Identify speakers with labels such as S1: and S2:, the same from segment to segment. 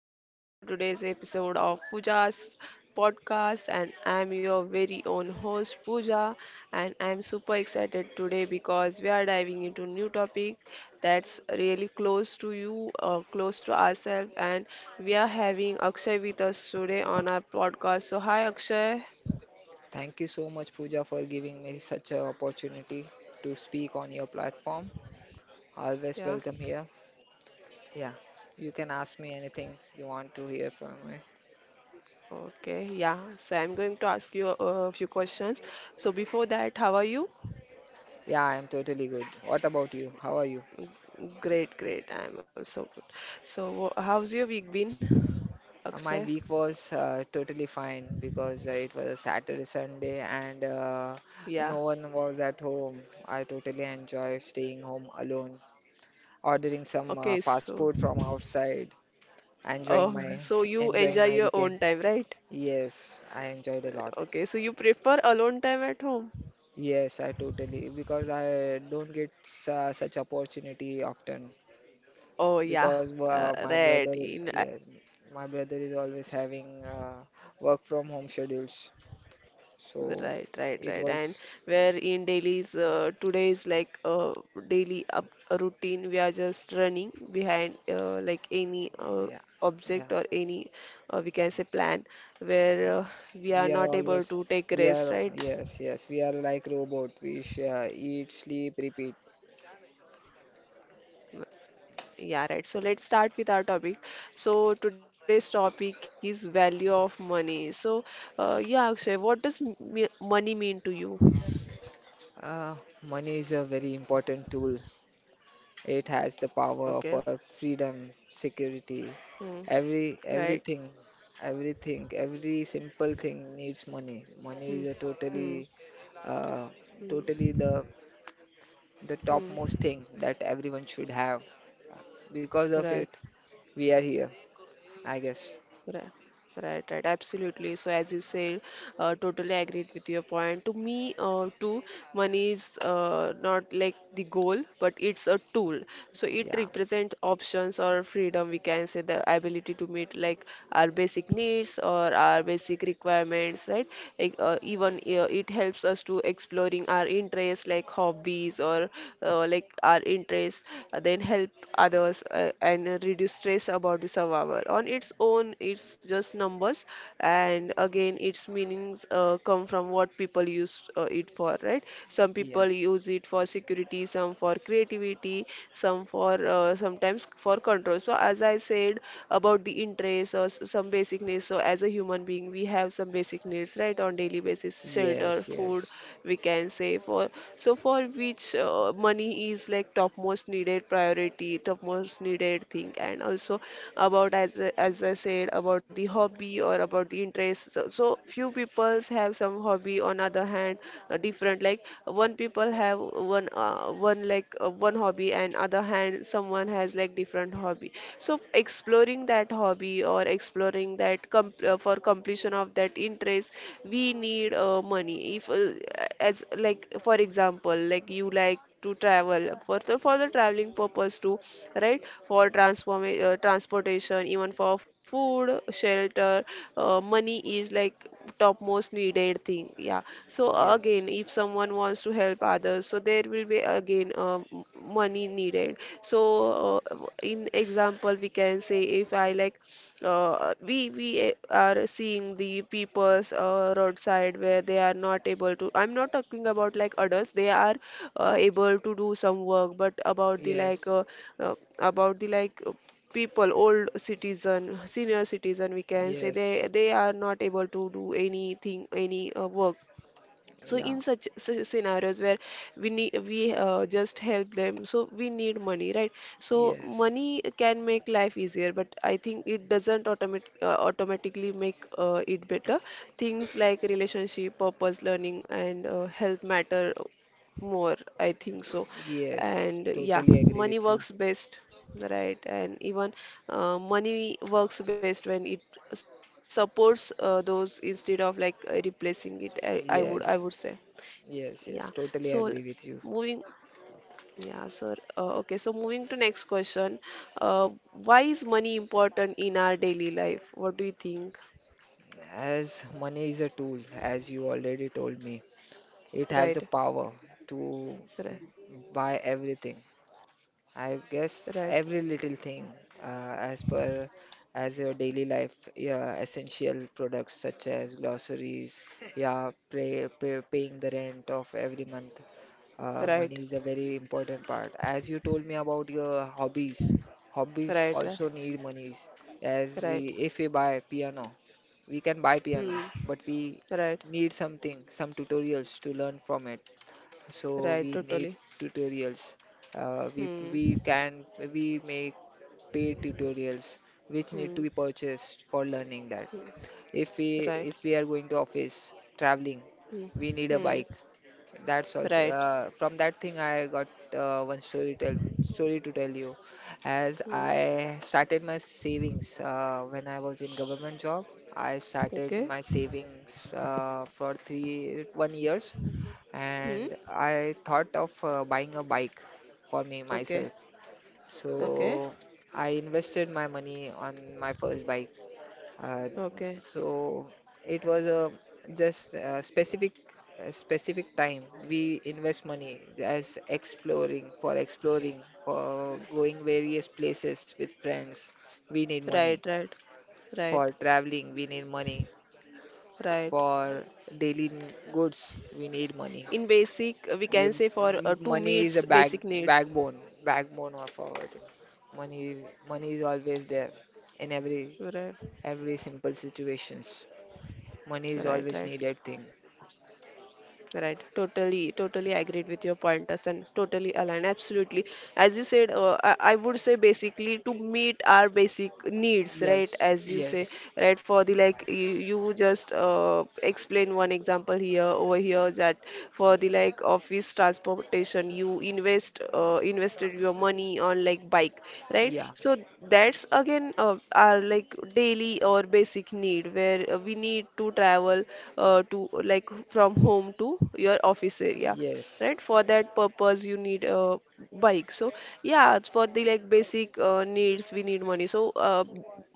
S1: and welcome to today's episode of Pooja's podcast. And I'm your very own host, Pooja, and I'm super excited today because we are diving into new topic that's really close to you, close to ourselves, and we are having Akshay with us today on our podcast. So, hi, Akshay.
S2: Thank you so much, Pooja, for giving me such an opportunity to speak on your platform. Always
S1: Yeah.
S2: welcome here. Yeah, you can ask me anything you want to hear from me.
S1: Okay. Yeah. So, I'm going to ask you a few questions. So, before that, how are you?
S2: Yeah, I am totally good. What about you? How are you?
S1: Great, great. I'm also good. So, how's your week been, Akshay?
S2: My week was totally fine because it was a Saturday, Sunday, and
S1: Yeah.
S2: no one was at home. I totally enjoy staying home alone, ordering some
S1: Okay,
S2: fast food from outside, enjoying
S1: oh,
S2: my
S1: so you
S2: enjoying
S1: enjoy
S2: my
S1: your
S2: weekend.
S1: own time, right?
S2: Yes, I enjoyed a lot.
S1: Okay, so you prefer alone time at home?
S2: Yes, I totally because I don't get such opportunity often
S1: Oh yeah,
S2: because my
S1: right.
S2: brother,
S1: In
S2: yes, my brother is always having work from home schedules. So
S1: Right, right,
S2: it
S1: right. And
S2: was,
S1: where in dailies, today's like daily up routine, we are just running behind like any
S2: yeah, yeah,
S1: object or any, we can say, plan where,
S2: yeah.
S1: we are
S2: We are
S1: not able
S2: always,
S1: to take
S2: we
S1: rest,
S2: are,
S1: right?
S2: yes, yes, we are like robot. We eat, sleep, repeat.
S1: W- Yeah, right. So let's start with our topic. So today's topic is value of money. Yeah, Akshay, what does money mean to you?
S2: Uh, Money is a very important tool. It has the power
S1: Okay.
S2: for freedom, security,
S1: Hmm. Right.
S2: everything, everything, every simple thing needs money. Money
S1: Hmm.
S2: is a
S1: Hmm.
S2: totally, uh,
S1: Hmm.
S2: totally the
S1: Hmm.
S2: topmost thing that everyone should have. Because of it,
S1: Right.
S2: we are here. I guess.
S1: Right, right, right, absolutely. So as you said, totally agreed with your point. To me, too, money is, not like the goal, but it's a tool. So it
S2: Yeah.
S1: represents options or freedom. We can say the ability to meet like our basic needs or our basic requirements, right? Like, even it helps us to exploring our interests like hobbies or, like our interests, then help others and reduce stress about the survival. On its own, it's just numbers, and again, its meanings come from what people use it for, right? Some
S2: Yeah.
S1: people use it for security, some for creativity, some for, sometimes for control. So, as I said about the interest or some basic needs, so as a human being, we have some basic needs, right, on daily basis, shelter,
S2: Yes.
S1: food,
S2: Yes.
S1: we can say for, so for which money is like topmost needed priority topmost needed thing, and also about, as I said, about the hobby or about the interest. So few peoples have some hobby. On other hand, different like one people have one one like one hobby, and other hand someone has like different hobby. So exploring that hobby or exploring that com for completion of that interest, we need money. If as like for example, like you like to travel for the traveling purpose too, right, for transform transportation transportation, even for food, shelter, money is like topmost needed thing. Yeah. So
S2: Yes.
S1: again, if someone wants to help others, so there will be again money needed. In example, we can say, if I like we we are seeing the people's roadside where they are not able to— I'm not talking about like adults, they are able to do some work, but
S2: Yes.
S1: about the like people, old citizen, senior citizen, we can say,
S2: Yes.
S1: they are not able to do anything, any work. So
S2: Yeah.
S1: in such scenarios where we just help them, so we need money, right? So
S2: Yes.
S1: money can make life easier, but I think it doesn't automatically make it better. Things like relationship, purpose, learning and health matter more, I think so.
S2: Yes.
S1: And yeah,
S2: Totally agree
S1: money
S2: with you.
S1: works best, right. And even, money works best when it supports those, instead of like replacing it, I, I would i
S2: Yes.
S1: would say.
S2: Yes, yes,
S1: Yeah.
S2: totally
S1: So
S2: agree with you.
S1: moving, yeah, sir. Okay. So moving to next question. Why is money important in our daily life? What do you think?
S2: As money is a tool, as you already told me, it has the
S1: Right.
S2: power to
S1: Right.
S2: buy everything. I guess
S1: Right.
S2: every little thing, uh, as per as your daily life, yeah, essential products such as groceries, yeah, paying the rent of every month. Money
S1: Right.
S2: is a very important part. As you told me about your hobbies, hobbies
S1: Right.
S2: also
S1: Right.
S2: need monies.
S1: Right.
S2: If we buy piano, we can buy piano,
S1: Hmm.
S2: but we
S1: Right.
S2: need something, some tutorials to learn from it, so we
S1: Right.
S2: need
S1: Totally.
S2: tutorials.
S1: Hmm.
S2: We can we make paid tutorials which need to be
S1: Hmm.
S2: purchased for learning that. If we
S1: Right.
S2: if we are going to office traveling,
S1: Hmm.
S2: we need a
S1: Hmm.
S2: bike. That's also
S1: Right.
S2: from that thing I got one story to tell you. As
S1: Hmm.
S2: I started my savings when I was in government job, I started my
S1: Okay.
S2: savings for three one years,
S1: Hmm.
S2: and I thought of buying a bike for me myself.
S1: Okay. Okay.
S2: So I invested my money on my first bike. Uh,
S1: Okay.
S2: so it was a just a specific time we invest money as exploring for exploring for going various places with friends. We need money
S1: Right. Right. Right.
S2: for traveling. We need money
S1: Right.
S2: for daily goods. We need money.
S1: In basic, we
S2: Yeah,
S1: can say for, two
S2: money is a
S1: meets basic needs,
S2: backbone, of our thing. Money is always there in
S1: right,
S2: every simple situations. Money is
S1: right,
S2: always
S1: right.
S2: needed thing.
S1: Right, totally, totally agreed with your point, Hassan. Totally aligned, absolutely. As you said, I would say basically to meet our basic needs, right?
S2: Yes,
S1: As you say,
S2: yes,
S1: right? For the like, you just explain one example here, that for the like office transportation, you invested your money on like bike, right?
S2: yeah,
S1: So that's again our like daily or basic need where, we need to travel to like from home to your office area, right?
S2: yes,
S1: For that purpose you need a bike. So yeah, it's for the like basic needs we need money.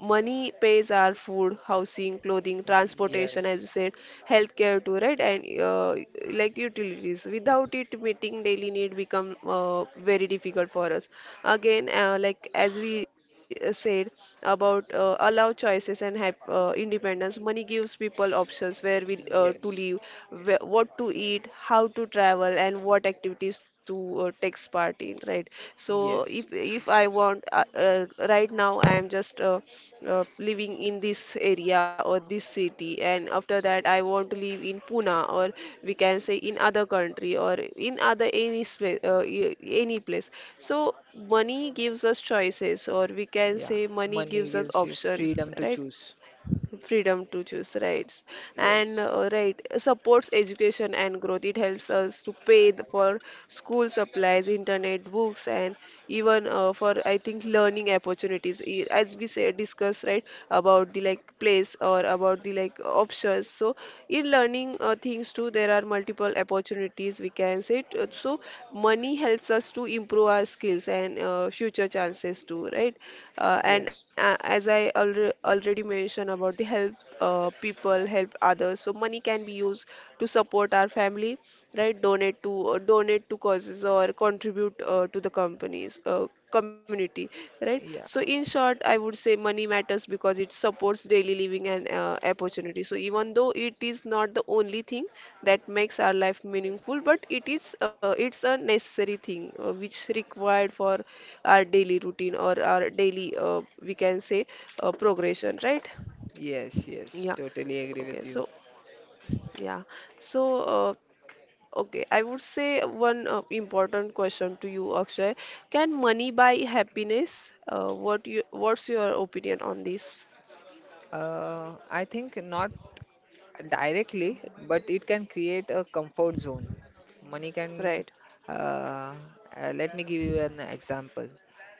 S1: Money pays our food, housing, clothing, transportation, as you
S2: yes,
S1: said, healthcare too, right? And like utilities, without it meeting daily need become very difficult for us. Again, like as we said about allow choices and have independence, money gives people options where we, to live,
S2: yes,
S1: where, what to eat, how to travel, and what activities to take part in, right? So if
S2: yes,
S1: if I want right now, I am just living in this area or this city, and after that, I want to live in Pune or, we can say, in other country or in other any space, any place. So money gives us choices, or we can
S2: yeah.
S1: say money
S2: Money
S1: gives us
S2: gives you
S1: option,
S2: freedom to
S1: right?
S2: choose.
S1: Freedom to choose, rights, and,
S2: Yes,
S1: right, supports education and growth. It helps us to pay for school supplies, internet, books, and even, for, I think, learning opportunities. As we say discuss, right, about the like place or about the like options. So in learning things too, there are multiple opportunities, we can say, so money helps us to improve our skills and future chances too, right?
S2: yes,
S1: And as I already mentioned about the help, people help others, so money can be used to support our family, right, donate to, donate to causes, or contribute to the companies, community, right? So
S2: yeah,
S1: in short, I would say money matters because it supports daily living and opportunity. So, even though it is not the only thing that makes our life meaningful, but it's a necessary thing, which required for our daily routine or our daily, we can say, progression, right?
S2: yes, yes.
S1: Yeah.
S2: Totally agree
S1: Okay.
S2: with you.
S1: So, yeah. So, okay. I would say one important question to you, Akshay. Can money buy happiness? What what's your opinion on this?
S2: I think not directly, but it can create a comfort zone. Money can,
S1: Right.
S2: uh, Let me give you an example.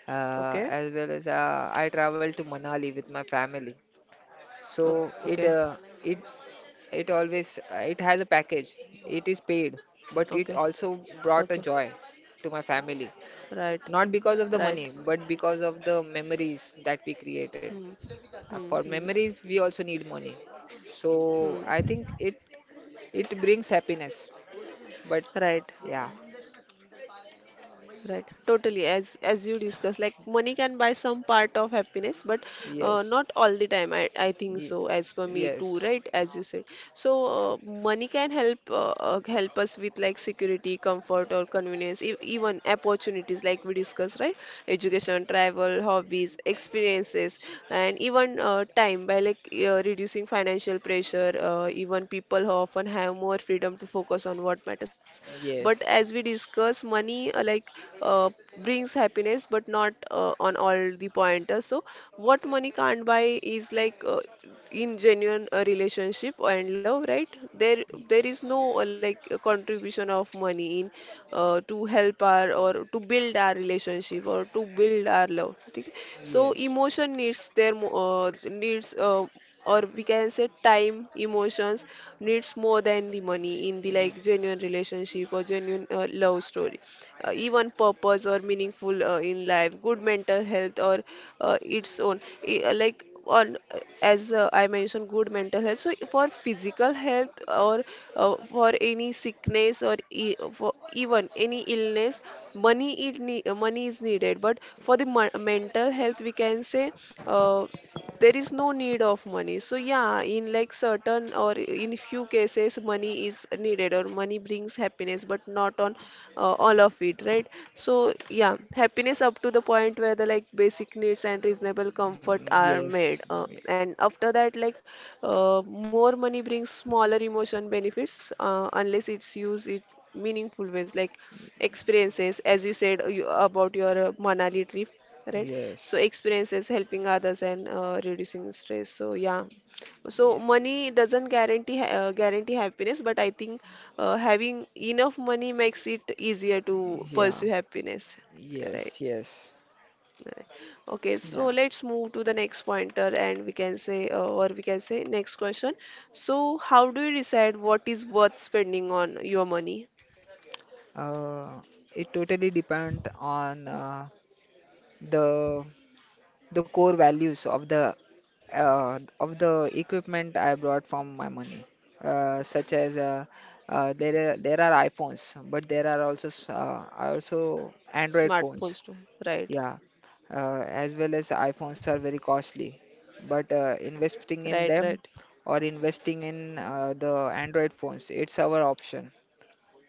S1: Okay.
S2: As well as I travel to Manali with my family, so
S1: Okay.
S2: it it always it has a package. It is paid, but
S1: Okay.
S2: it also
S1: Okay.
S2: brought a joy to my family.
S1: Right.
S2: Not because of the
S1: Right.
S2: money, but because of the memories that we created.
S1: Hmm. Hmm.
S2: For
S1: Hmm.
S2: memories, we also need money.
S1: Hmm.
S2: So I think it brings happiness, but
S1: Right.
S2: yeah,
S1: Right, totally. As you discussed, like money can buy some part of happiness, but,
S2: yes,
S1: not all the time. I think
S2: ye-
S1: so. As per me too,
S2: yes,
S1: right? As you said, money can help help us with like security, comfort, or convenience, e even opportunities like we discussed, right? Education, travel, hobbies, experiences, and even time by like reducing financial pressure. Even people who often have more freedom to focus on what matters. But as
S2: yes,
S1: we discuss, money, like, uh, brings happiness, but not on all the pointers. So what money can't buy is like, in genuine relationship and love, right? there
S2: y-
S1: there is no like contribution of money in, to help our or to build our relationship or to build our love, ठीक. So
S2: yes,
S1: emotion needs their needs, or we can say time, emotions needs more than the money in the
S2: yes,
S1: like genuine relationship or genuine love story, even purpose or meaningful in life, good mental health or its own. Like on, as I mentioned, good mental health. So for physical health or, for any sickness or e for even any illness, money it ne money is needed. But for the mental health, we can say, uh, there is no need of money. So yeah, in like certain or in few cases, money is needed or money brings happiness, but not on all of it, right? So yeah, happiness up to the point where the like basic needs and reasonable comfort are
S2: yes,
S1: made, and after that, like more money brings smaller emotion benefits unless it's used it meaningful ways like experiences, as you said, about your Manali trip, right? So
S2: yes,
S1: experiences, helping others and reducing stress. So yeah, so money doesn't guarantee guarantee happiness, but I think having enough money makes it easier to
S2: yeah,
S1: pursue happiness, right,
S2: yes, yes,
S1: right. Okay, so
S2: yeah.
S1: let's move to the next pointer and we can say or we can say next question. So how do you decide what is worth spending on your money?
S2: Uh, it totally depends on the core values of the equipment I brought from my money, such as there are iPhones, but there are also Android phones.
S1: Smartphones too. Right.
S2: Yeah, as well as iPhones are very costly, but
S1: Right.
S2: investing in
S1: Right.
S2: them, or investing in the Android phones, it's our option.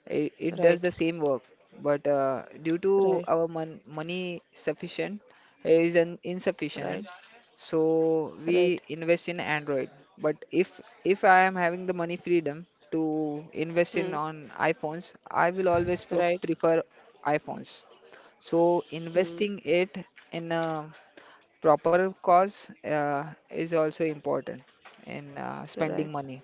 S1: Right.
S2: It does the same work, but due
S1: Right.
S2: to our money sufficient is an
S1: Right.
S2: insufficient, so
S1: Right.
S2: we invest in Android. But if I am having the money freedom to
S1: Hmm.
S2: invest in on iPhones, I will always
S1: Right.
S2: prefer iPhones. So
S1: Hmm.
S2: investing it in a proper cause is also important in
S1: Right.
S2: spending money.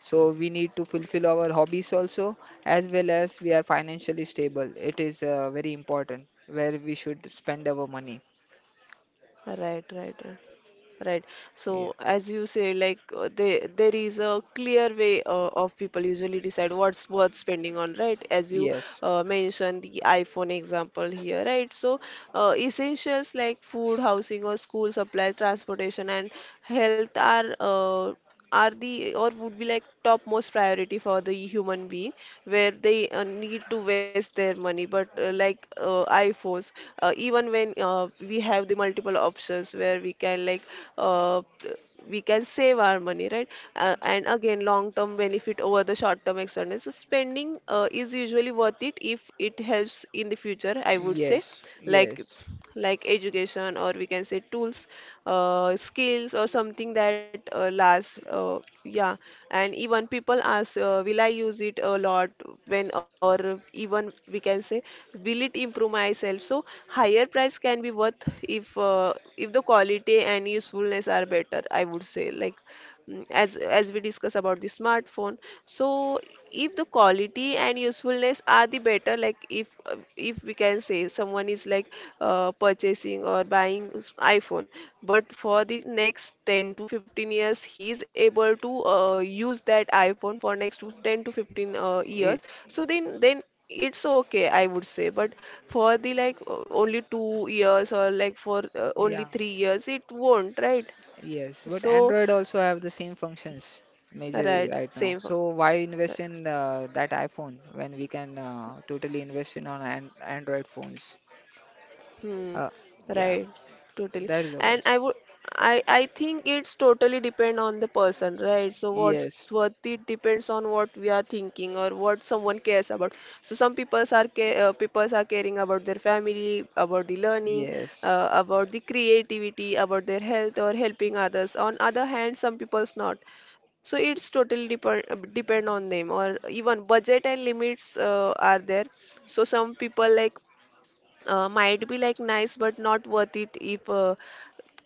S2: So we need to fulfill our hobbies also, as well as we are financially stable. It is very important where we should spend our money.
S1: Right. Right. Right. Right. So
S2: Yeah.
S1: as you say, like there is a clear way of people usually decide what's worth spending on, right? As you
S2: Yes.
S1: mentioned the iPhone example here, right? So essentials like food, housing, or school supplies, transportation, and health are the or would be like top most priority for the human being where they need to waste their money, but like iPhones, even when we have the multiple options where we can like uh, we can save our money, right? And again, long term benefit over the short term expenses, so spending is usually worth it if it helps in the future, I would say.
S2: Yes.
S1: like
S2: Yes.
S1: like education, or we can say tools, skills, or something that lasts, yeah. And even people ask, will I use it a lot? When, or even we can say, will it improve myself? So higher price can be worth if the quality and usefulness are better, I would say. Like as we discuss about the smartphone. So if the quality and usefulness are the better, like if we can say someone is like purchasing or buying iPhone, but for the next 10 to 15 years he is able to use that iPhone for next to 10 to 15
S2: It,
S1: years, so then it's okay, I would say. But for the like only 2 years or like for only
S2: yeah.
S1: 3 years, it won't, right?
S2: Yes. But
S1: So
S2: Android also have the same functions majorly
S1: right,
S2: right now.
S1: same.
S2: So why invest in that iPhone when we can totally invest in on an Android phones?
S1: Hmm.
S2: Uh, yeah.
S1: Right. Totally.
S2: That is the
S1: And
S2: cost.
S1: I would I think it's totally depend on the person, right? So what's
S2: Yes.
S1: worth it depends on what we are thinking or what someone cares about. So some people are care people are caring about their family, about the learning,
S2: Yes.
S1: about the creativity, about their health, or helping others. On other hand, some people's not. So it's totally depend on them, or even budget and limits are there. So some people like might be like nice but not worth it if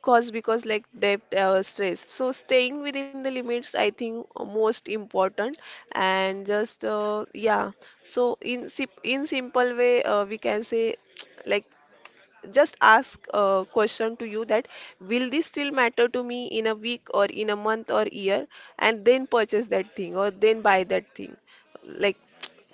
S1: cause because like debt stress. So staying within the limits, I think, most important. And just yeah. So in in simple way, we can say like just ask a question to you that will this still matter to me in a week, or in a month or year, and then purchase that thing, or then buy that thing. Like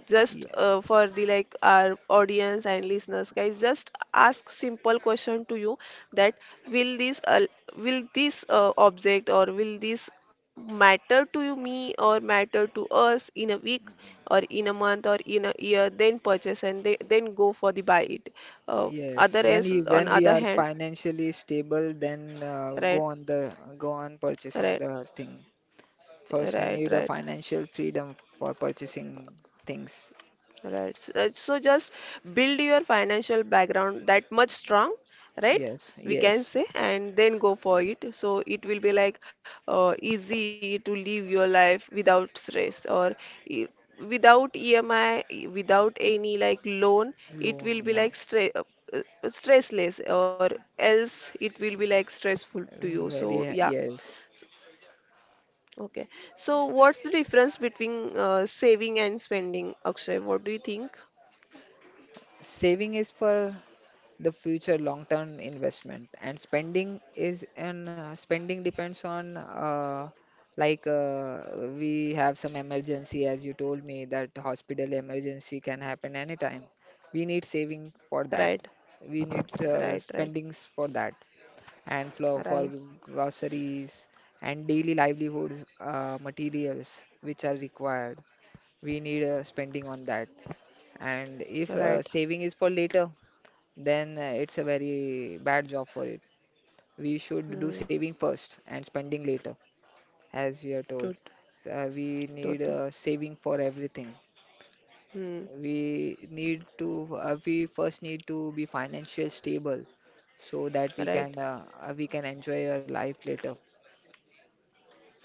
S1: just
S2: Yeah.
S1: for the like our audience and listeners guys, just ask simple question to you that will this uh, will this object or will this matter to you me or matter to us in a week or in a month or in a year, then purchase and then go for the buy it. uh,
S2: Yes,
S1: Other else on
S2: when we
S1: other
S2: are
S1: hand.
S2: financially stable, then
S1: Right.
S2: go on purchasing
S1: Right.
S2: the thing. First, we
S1: Right.
S2: need a
S1: Right.
S2: financial freedom for purchasing things.
S1: Right. So just build your financial background that much strong, right?
S2: Yes,
S1: We can
S2: yes,
S1: say, and then go for it. So it will be like easy to live your life without stress, or e- without EMI, without any like loan. It
S2: loan,
S1: will be
S2: yeah,
S1: like stress, stressless, or else it will be like stressful to you. So
S2: very
S1: yeah.
S2: yes.
S1: Okay. So what's the difference between saving and spending, Akshay? What do you think?
S2: Saving is for the future long-term investment. And spending is and Spending depends on like we have some emergency, as you told me that hospital emergency can happen anytime. We need saving for that.
S1: Right.
S2: We need
S1: Right, right,
S2: spendings for that and for
S1: right,
S2: groceries and daily livelihood materials which are required. We need spending on that. And if
S1: right.
S2: saving is for later, then it's a very bad job for it. We should do
S1: Hmm.
S2: saving first and spending later, as we are told.
S1: Tot
S2: So, we need
S1: Total.
S2: saving for everything.
S1: Hmm.
S2: We need to, we first need to be financially stable so that
S1: Right.
S2: we can enjoy our life later.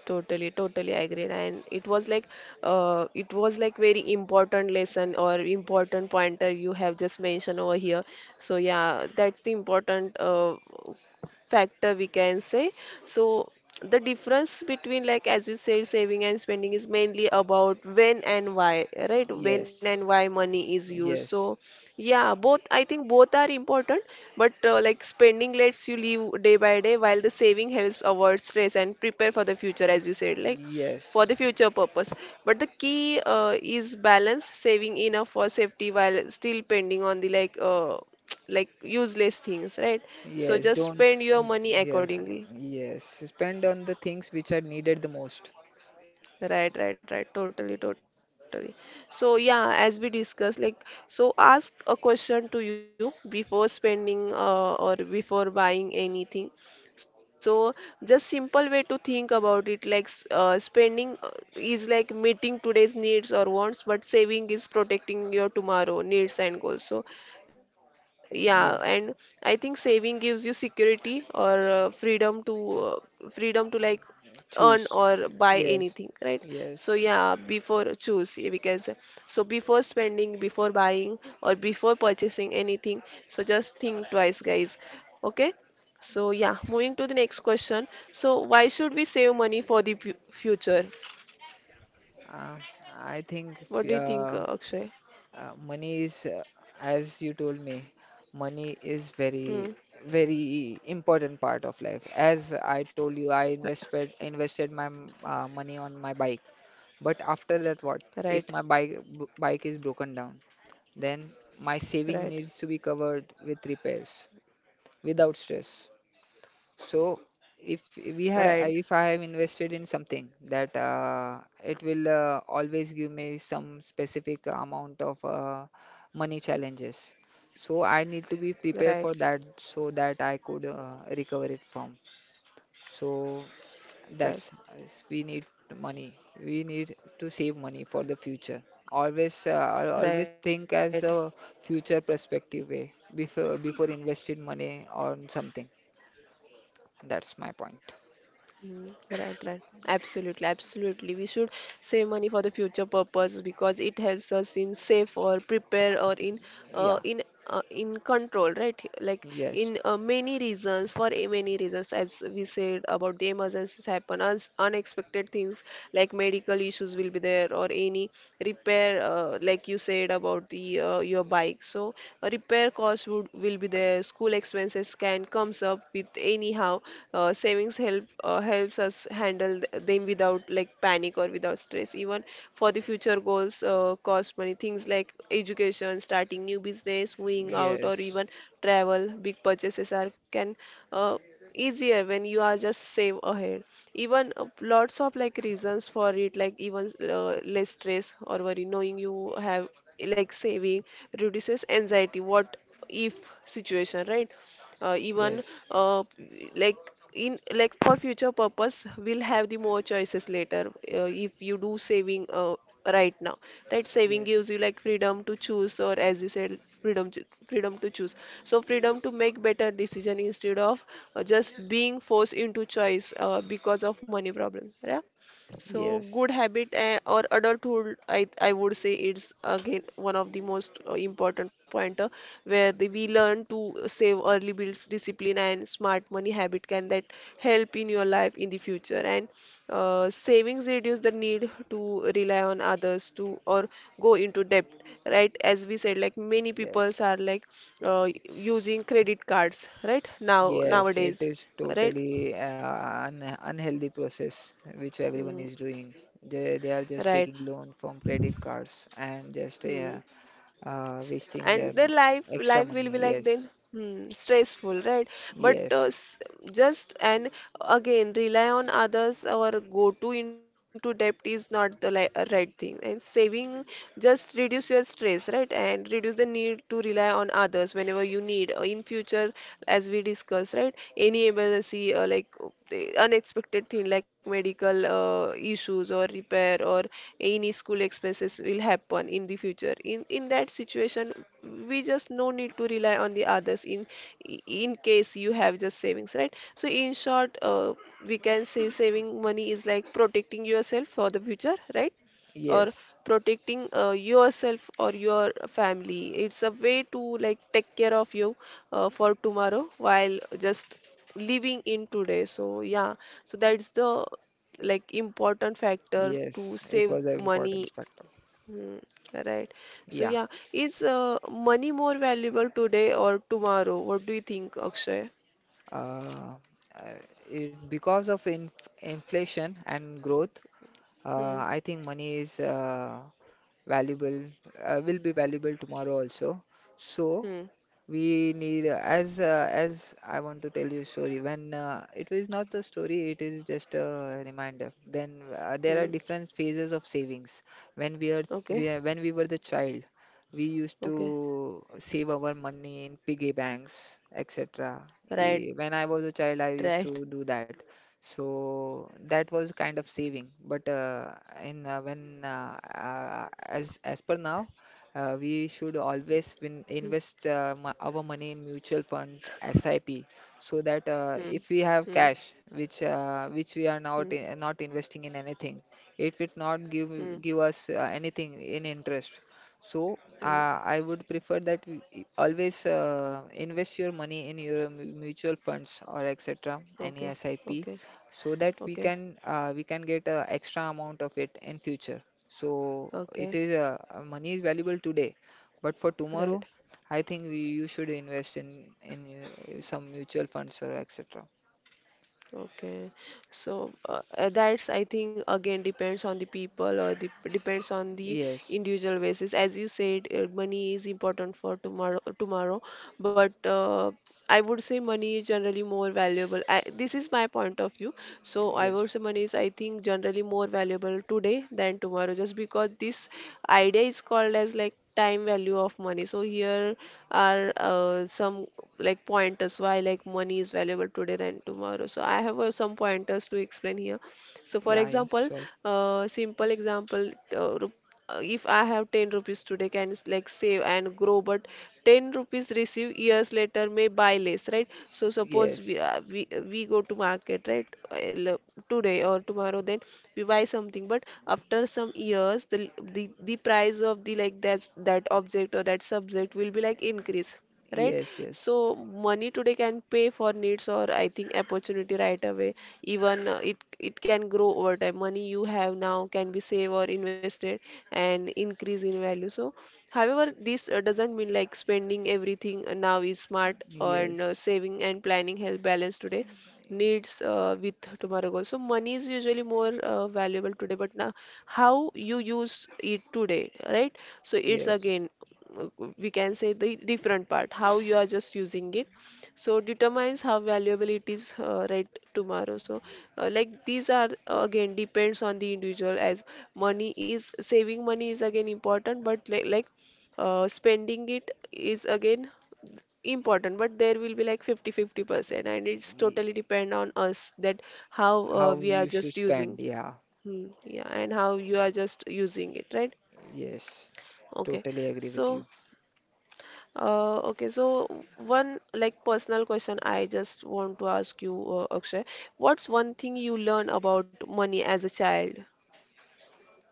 S1: Totally, totally I agree. And it was like very important lesson or important pointer you have just mentioned over here. So yeah, that's the important factor we can say. So the difference between, like as you said, saving and spending is mainly about when and why, right? When and
S2: Yes,
S1: why money is used. So
S2: yes,
S1: yeah, both, I think both are important, but like spending lets you live day by day, while the saving helps avoid stress and prepare for the future, as you said, like for
S2: yes,
S1: the future purpose. But the key is balance, saving enough for safety while still pending on the like like useless things, right? So
S2: yes.
S1: just
S2: Don't,
S1: spend your money
S2: yeah,
S1: accordingly.
S2: yes. Spend on the things which are needed the most.
S1: Right, right, right. Totally, totally. So yeah, as we discussed, like, so ask a question to you before spending or before buying anything. So just simple way to think about it, like, spending is like meeting today's needs or wants, but saving is protecting your tomorrow needs and goals. So yeah. And I
S2: Yeah,
S1: think saving gives you security or freedom to like earn or
S2: choose.
S1: buy anything, right?
S2: Yes,
S1: So yeah,
S2: yes.
S1: before choose, yeah, because so before spending, before buying, or before purchasing anything, so just think twice, guys. Okay. So yeah, moving to the next question. So why should we save money for the future?
S2: Uh, I think
S1: What do you think, Akshay?
S2: money is, as you told me, money is very,
S1: Hmm.
S2: very important part of life. As I told you, I invested my money on my bike. But after that, what? If my
S1: Right.
S2: bike is broken down, then my saving
S1: Right.
S2: needs
S1: Right.
S2: to be covered with repairs without stress. So if
S1: Right.
S2: I have invested in something that it will always give me some specific amount of money challenges. So I need to be prepared for
S1: Right.
S2: that so that I could recover it from. So that's
S1: Right.
S2: we need money. We need to save money for the future. Always, always
S1: Right.
S2: think as a future perspective way before investing money on something. That's my point.
S1: Right, right, right. Absolutely, absolutely. We should save money for the future purpose because it helps us in safe or prepare or in uh,
S2: Yeah.
S1: in in control, right? Like
S2: Yes,
S1: in many reasons, for many reasons, as we said about the emergencies happen, as unexpected things like medical issues will be there, or any repair, like you said about the your bike. So a repair cost would will be there. School expenses can comes up with anyhow. Savings help helps us handle them without like panic or without stress. Even for the future goals, cost money things like education, starting new business, moving out, or
S2: yes,
S1: even travel, big purchases are can uh, easier when you are just save ahead. Even lots of like reasons for it, like even less stress or worry knowing you have like saving reduces anxiety, what if situation, right? Even
S2: yes,
S1: uh, like in like for future purpose, we'll have the more choices later if you do saving right now, right? Saving
S2: yes,
S1: gives you like freedom to choose, or as you said, freedom to choose. So freedom to make better decision instead of just being forced into choice because of money problem. Yeah. So
S2: yes,
S1: good habit, eh, or adulthood, I would say, it's again one of the most important pointer, where we learn to save early builds discipline and smart money habit can that help in your life in the future. And savings reduce the need to rely on others to, or go into debt, right? As we said, like many peoples
S2: yes,
S1: are like uh, using credit cards right now
S2: yes. It
S1: nowadays.
S2: is
S1: Right.
S2: totally an unhealthy process which everyone
S1: Mm,
S2: is doing. They are
S1: right.
S2: just taking loan from credit cards and just
S1: Hmm.
S2: wasting
S1: And
S2: their
S1: their life
S2: extra
S1: life will be
S2: money.
S1: like
S2: Yes,
S1: then stressful, right? But
S2: yes,
S1: just and again rely on others or go to into debt is not the right thing, and saving just reduce your stress, right? And reduce the need to rely on others whenever you need. In future, as we discuss, right, any able to see like the unexpected thing like medical issues or repair or any school expenses will happen in the future. In that situation, we just no need to rely on the others in case you have just savings, right? So in short, we can say saving money is like protecting yourself for the future, right? Or
S2: yes,
S1: protecting yourself or your family. It's a way to like take care of you for tomorrow while just living in today. So yeah, so that's the like important factor to
S2: yes. It
S1: save
S2: was an
S1: money.
S2: important factor.
S1: Hmm, right. So
S2: Yeah.
S1: yeah, is money more valuable today or tomorrow? What do you think, Akshay?
S2: Uh, uh, because of inflation and growth,
S1: Hmm,
S2: I think money is valuable, will be valuable tomorrow also. So,
S1: hmm,
S2: we need as I want to tell you a story. When it was not a story, it is just a reminder. Then
S1: hmm.
S2: there are different phases of savings. When we are,
S1: Okay,
S2: when we were the child, we used
S1: okay.
S2: to save our money in piggy banks, etc.
S1: Right, right,
S2: We When I was a child, I used to do that.
S1: right,
S2: So that was kind of saving. But
S1: right.
S2: in when as per now. We
S1: Hmm,
S2: should always invest our money in mutual fund SIP,
S1: hmm,
S2: so that
S1: hmm,
S2: if we have cash
S1: hmm,
S2: which we are not not investing in anything, it will not
S1: hmm,
S2: give us anything in interest. So
S1: hmm.
S2: I would prefer that always invest your money in your mutual funds or etc. any
S1: Okay,
S2: SIP,
S1: okay,
S2: so that
S1: okay,
S2: we can get a extra amount of it in future. So it
S1: okay.
S2: is money is valuable today, but for tomorrow,
S1: Right.
S2: I think we you should invest in some mutual funds or etc.
S1: Okay, so that's I think again depends on the people, or depends on the
S2: Yes,
S1: individual basis. As you said, money is important for tomorrow, tomorrow, but I would say money is generally more valuable. I, this is my point of view. So I would
S2: yes,
S1: say money is, I think, generally more valuable today than tomorrow, just because this idea is called as like time value of money. So here are some like pointers why like money is valuable today than tomorrow. So I have some pointers to explain here. So for
S2: yeah, yeah,
S1: example,
S2: sure.
S1: simple example, if I have 10 rupees today, can like save and grow, but 10 rupees receive years later may buy less, right? So suppose we
S2: Yes,
S1: we go to market, right? Today or tomorrow, then we buy something, but after some years, the price of the like that object or that subject will be like increase, right?
S2: yes,
S1: So
S2: yes,
S1: money today can pay for needs or I think opportunity right away. Even it can grow over time. Money you have now can be saved or invested and increase in value. So however, this doesn't mean like spending everything now is smart, and
S2: yes,
S1: saving and planning help balance today needs with tomorrow goals. So money is usually more valuable today, but now how you use it today, right? So it's
S2: yes.
S1: again, uh, we can say the different part, how you are just using it, so determines how valuable it is right tomorrow. So like these are again depends on the individual. As money is saving, money is again important, but like, spending it is again important, but there will be like 50 50% and it's
S2: Ye-
S1: totally depend on us that how
S2: How
S1: we are
S2: you should
S1: just using.
S2: spend? Yeah,
S1: Hmm, yeah, and how you are just using it, right?
S2: yes,
S1: Okay.
S2: totally agree with
S1: So
S2: you.
S1: Okay, so one like personal question I just want to ask you, Akshay. What's one thing you learn about money as a child?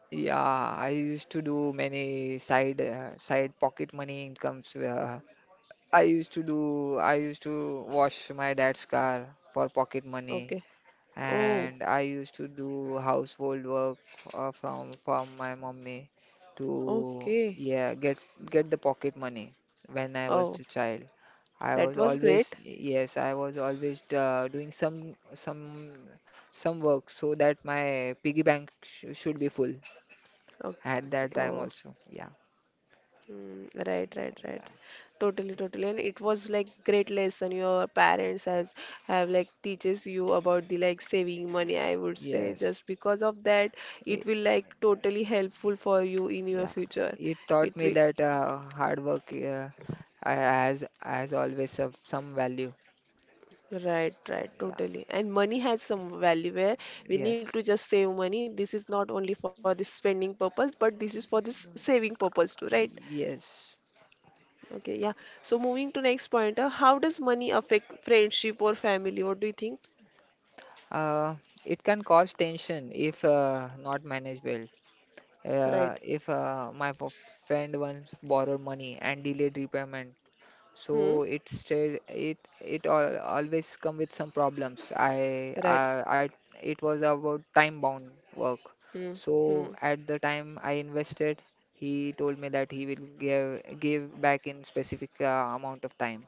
S2: Yeah, I used to do many side pocket money incomes. I used to wash my dad's car for pocket money,
S1: Okay. Oh,
S2: and I used to do household work from my mommy to
S1: okay.
S2: yeah get the pocket money when I was
S1: Oh,
S2: a child. I
S1: that
S2: was
S1: was great.
S2: always, yes, I was always doing some work so that my piggy bank sh should be full
S1: Okay.
S2: at that time
S1: Oh,
S2: also. Yeah,
S1: mm, right, right,
S2: yeah,
S1: right. Totally, totally. And it was like great lesson your parents has have like teaches you about the like saving money, I would say.
S2: yes.
S1: Just because of that, it will like totally helpful for you in your
S2: Yeah,
S1: future.
S2: it
S1: It
S2: taught me
S1: will.
S2: that hard work has always some value.
S1: Right, right,
S2: Yeah,
S1: totally. And money has some value where we need
S2: yes,
S1: to just save money. This is not only for the spending purpose, but this is for this saving purpose too, right?
S2: yes.
S1: Okay, yeah. So moving to next point, how does money affect friendship or family? What do you think?
S2: Uh, it can cause tension if not managed well.
S1: Right.
S2: If my friend once borrowed money and delayed repayment. So
S1: Hmm.
S2: it it's it it al always come with some problems.
S1: Right.
S2: I It was about time bound work.
S1: Hmm.
S2: So
S1: Hmm.
S2: at the time I invested, he told me that he will give back in specific amount of time,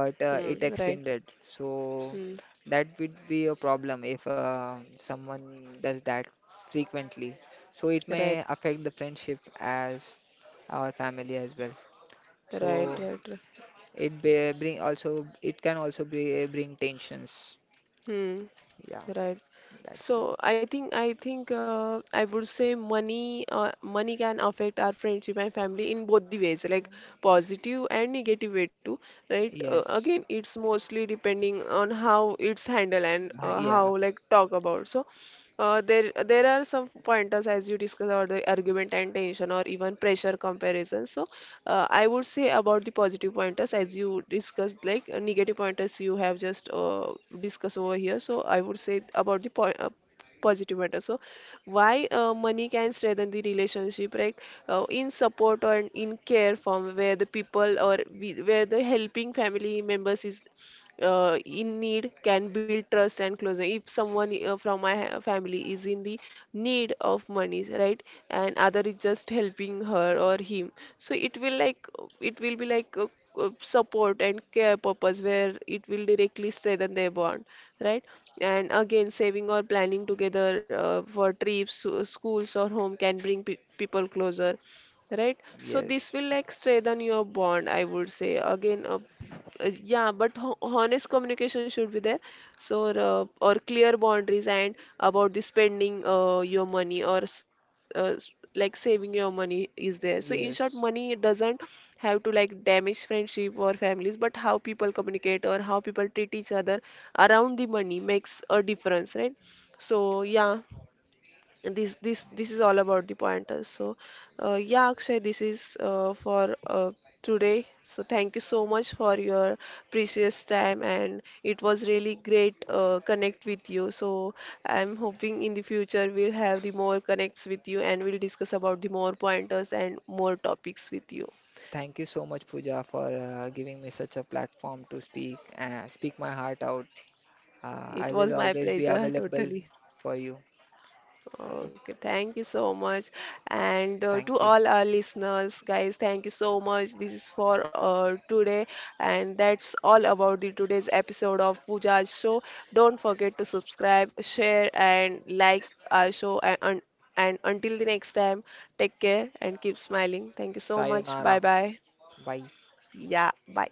S2: but it
S1: Hmm. Right.
S2: extended. So
S1: Hmm.
S2: that would be a problem if someone does that frequently. So it may
S1: Right.
S2: affect the friendship as our family as well. So
S1: Right. Right. Right.
S2: it can also bring tensions.
S1: Hmm.
S2: Yeah,
S1: Right.
S2: that's
S1: So I think I would say money money can affect our friendship and family in both the ways, like positive and negative way too, right?
S2: yes.
S1: Again, it's mostly depending on how it's handled and how
S2: Yeah,
S1: like talk about. So there are some pointers as you discussed about the argument and tension or even pressure comparison. So I would say about the positive pointers as you discussed like negative pointers you have just discussed over here. So I would say about the po positive matter. So why money can strengthen the relationship, right? In support or in care form, where the people or we, where the helping family members is in need can build trust and closeness. If someone from my ha- family is in the need of money, right, and other is just helping her or him, so it will like it will be like support and care purpose where it will directly strengthen their bond, right? And again, saving or planning together for trips, schools or home can bring pe people closer, right? So this
S2: yes,
S1: will like strengthen your bond, I would say. Again Yeah, but ho honest communication should be there. So or clear boundaries and about the spending your money or s- s- like saving your money is there. So in short, money
S2: yes.
S1: doesn't have to like damage friendship or families, but how people communicate or how people treat each other around the money makes a difference, right? So yeah, and this is all about the pointers. So yeah, Akshay, this is for today. So thank you so much for your precious time, and it was really great connect with you. So I'm hoping in the future we'll have the more connects with you, and we'll discuss about the more pointers and more topics with you.
S2: Thank you so much, Pooja, for giving me such a platform to speak and speak my heart out. I
S1: It
S2: will
S1: was my
S2: always be
S1: pleasure,
S2: available
S1: totally.
S2: for you. Okay,
S1: Okay, thank you so much. And to
S2: thank you.
S1: all our listeners, guys, thank you so much. This is for today, and that's all about the today's episode of Pooja's show. Don't forget to subscribe, share, and like our show. And until the next time, take care and keep smiling. Thank you so much. Bye
S2: Sayonara.
S1: bye.
S2: Bye.
S1: Yeah, bye.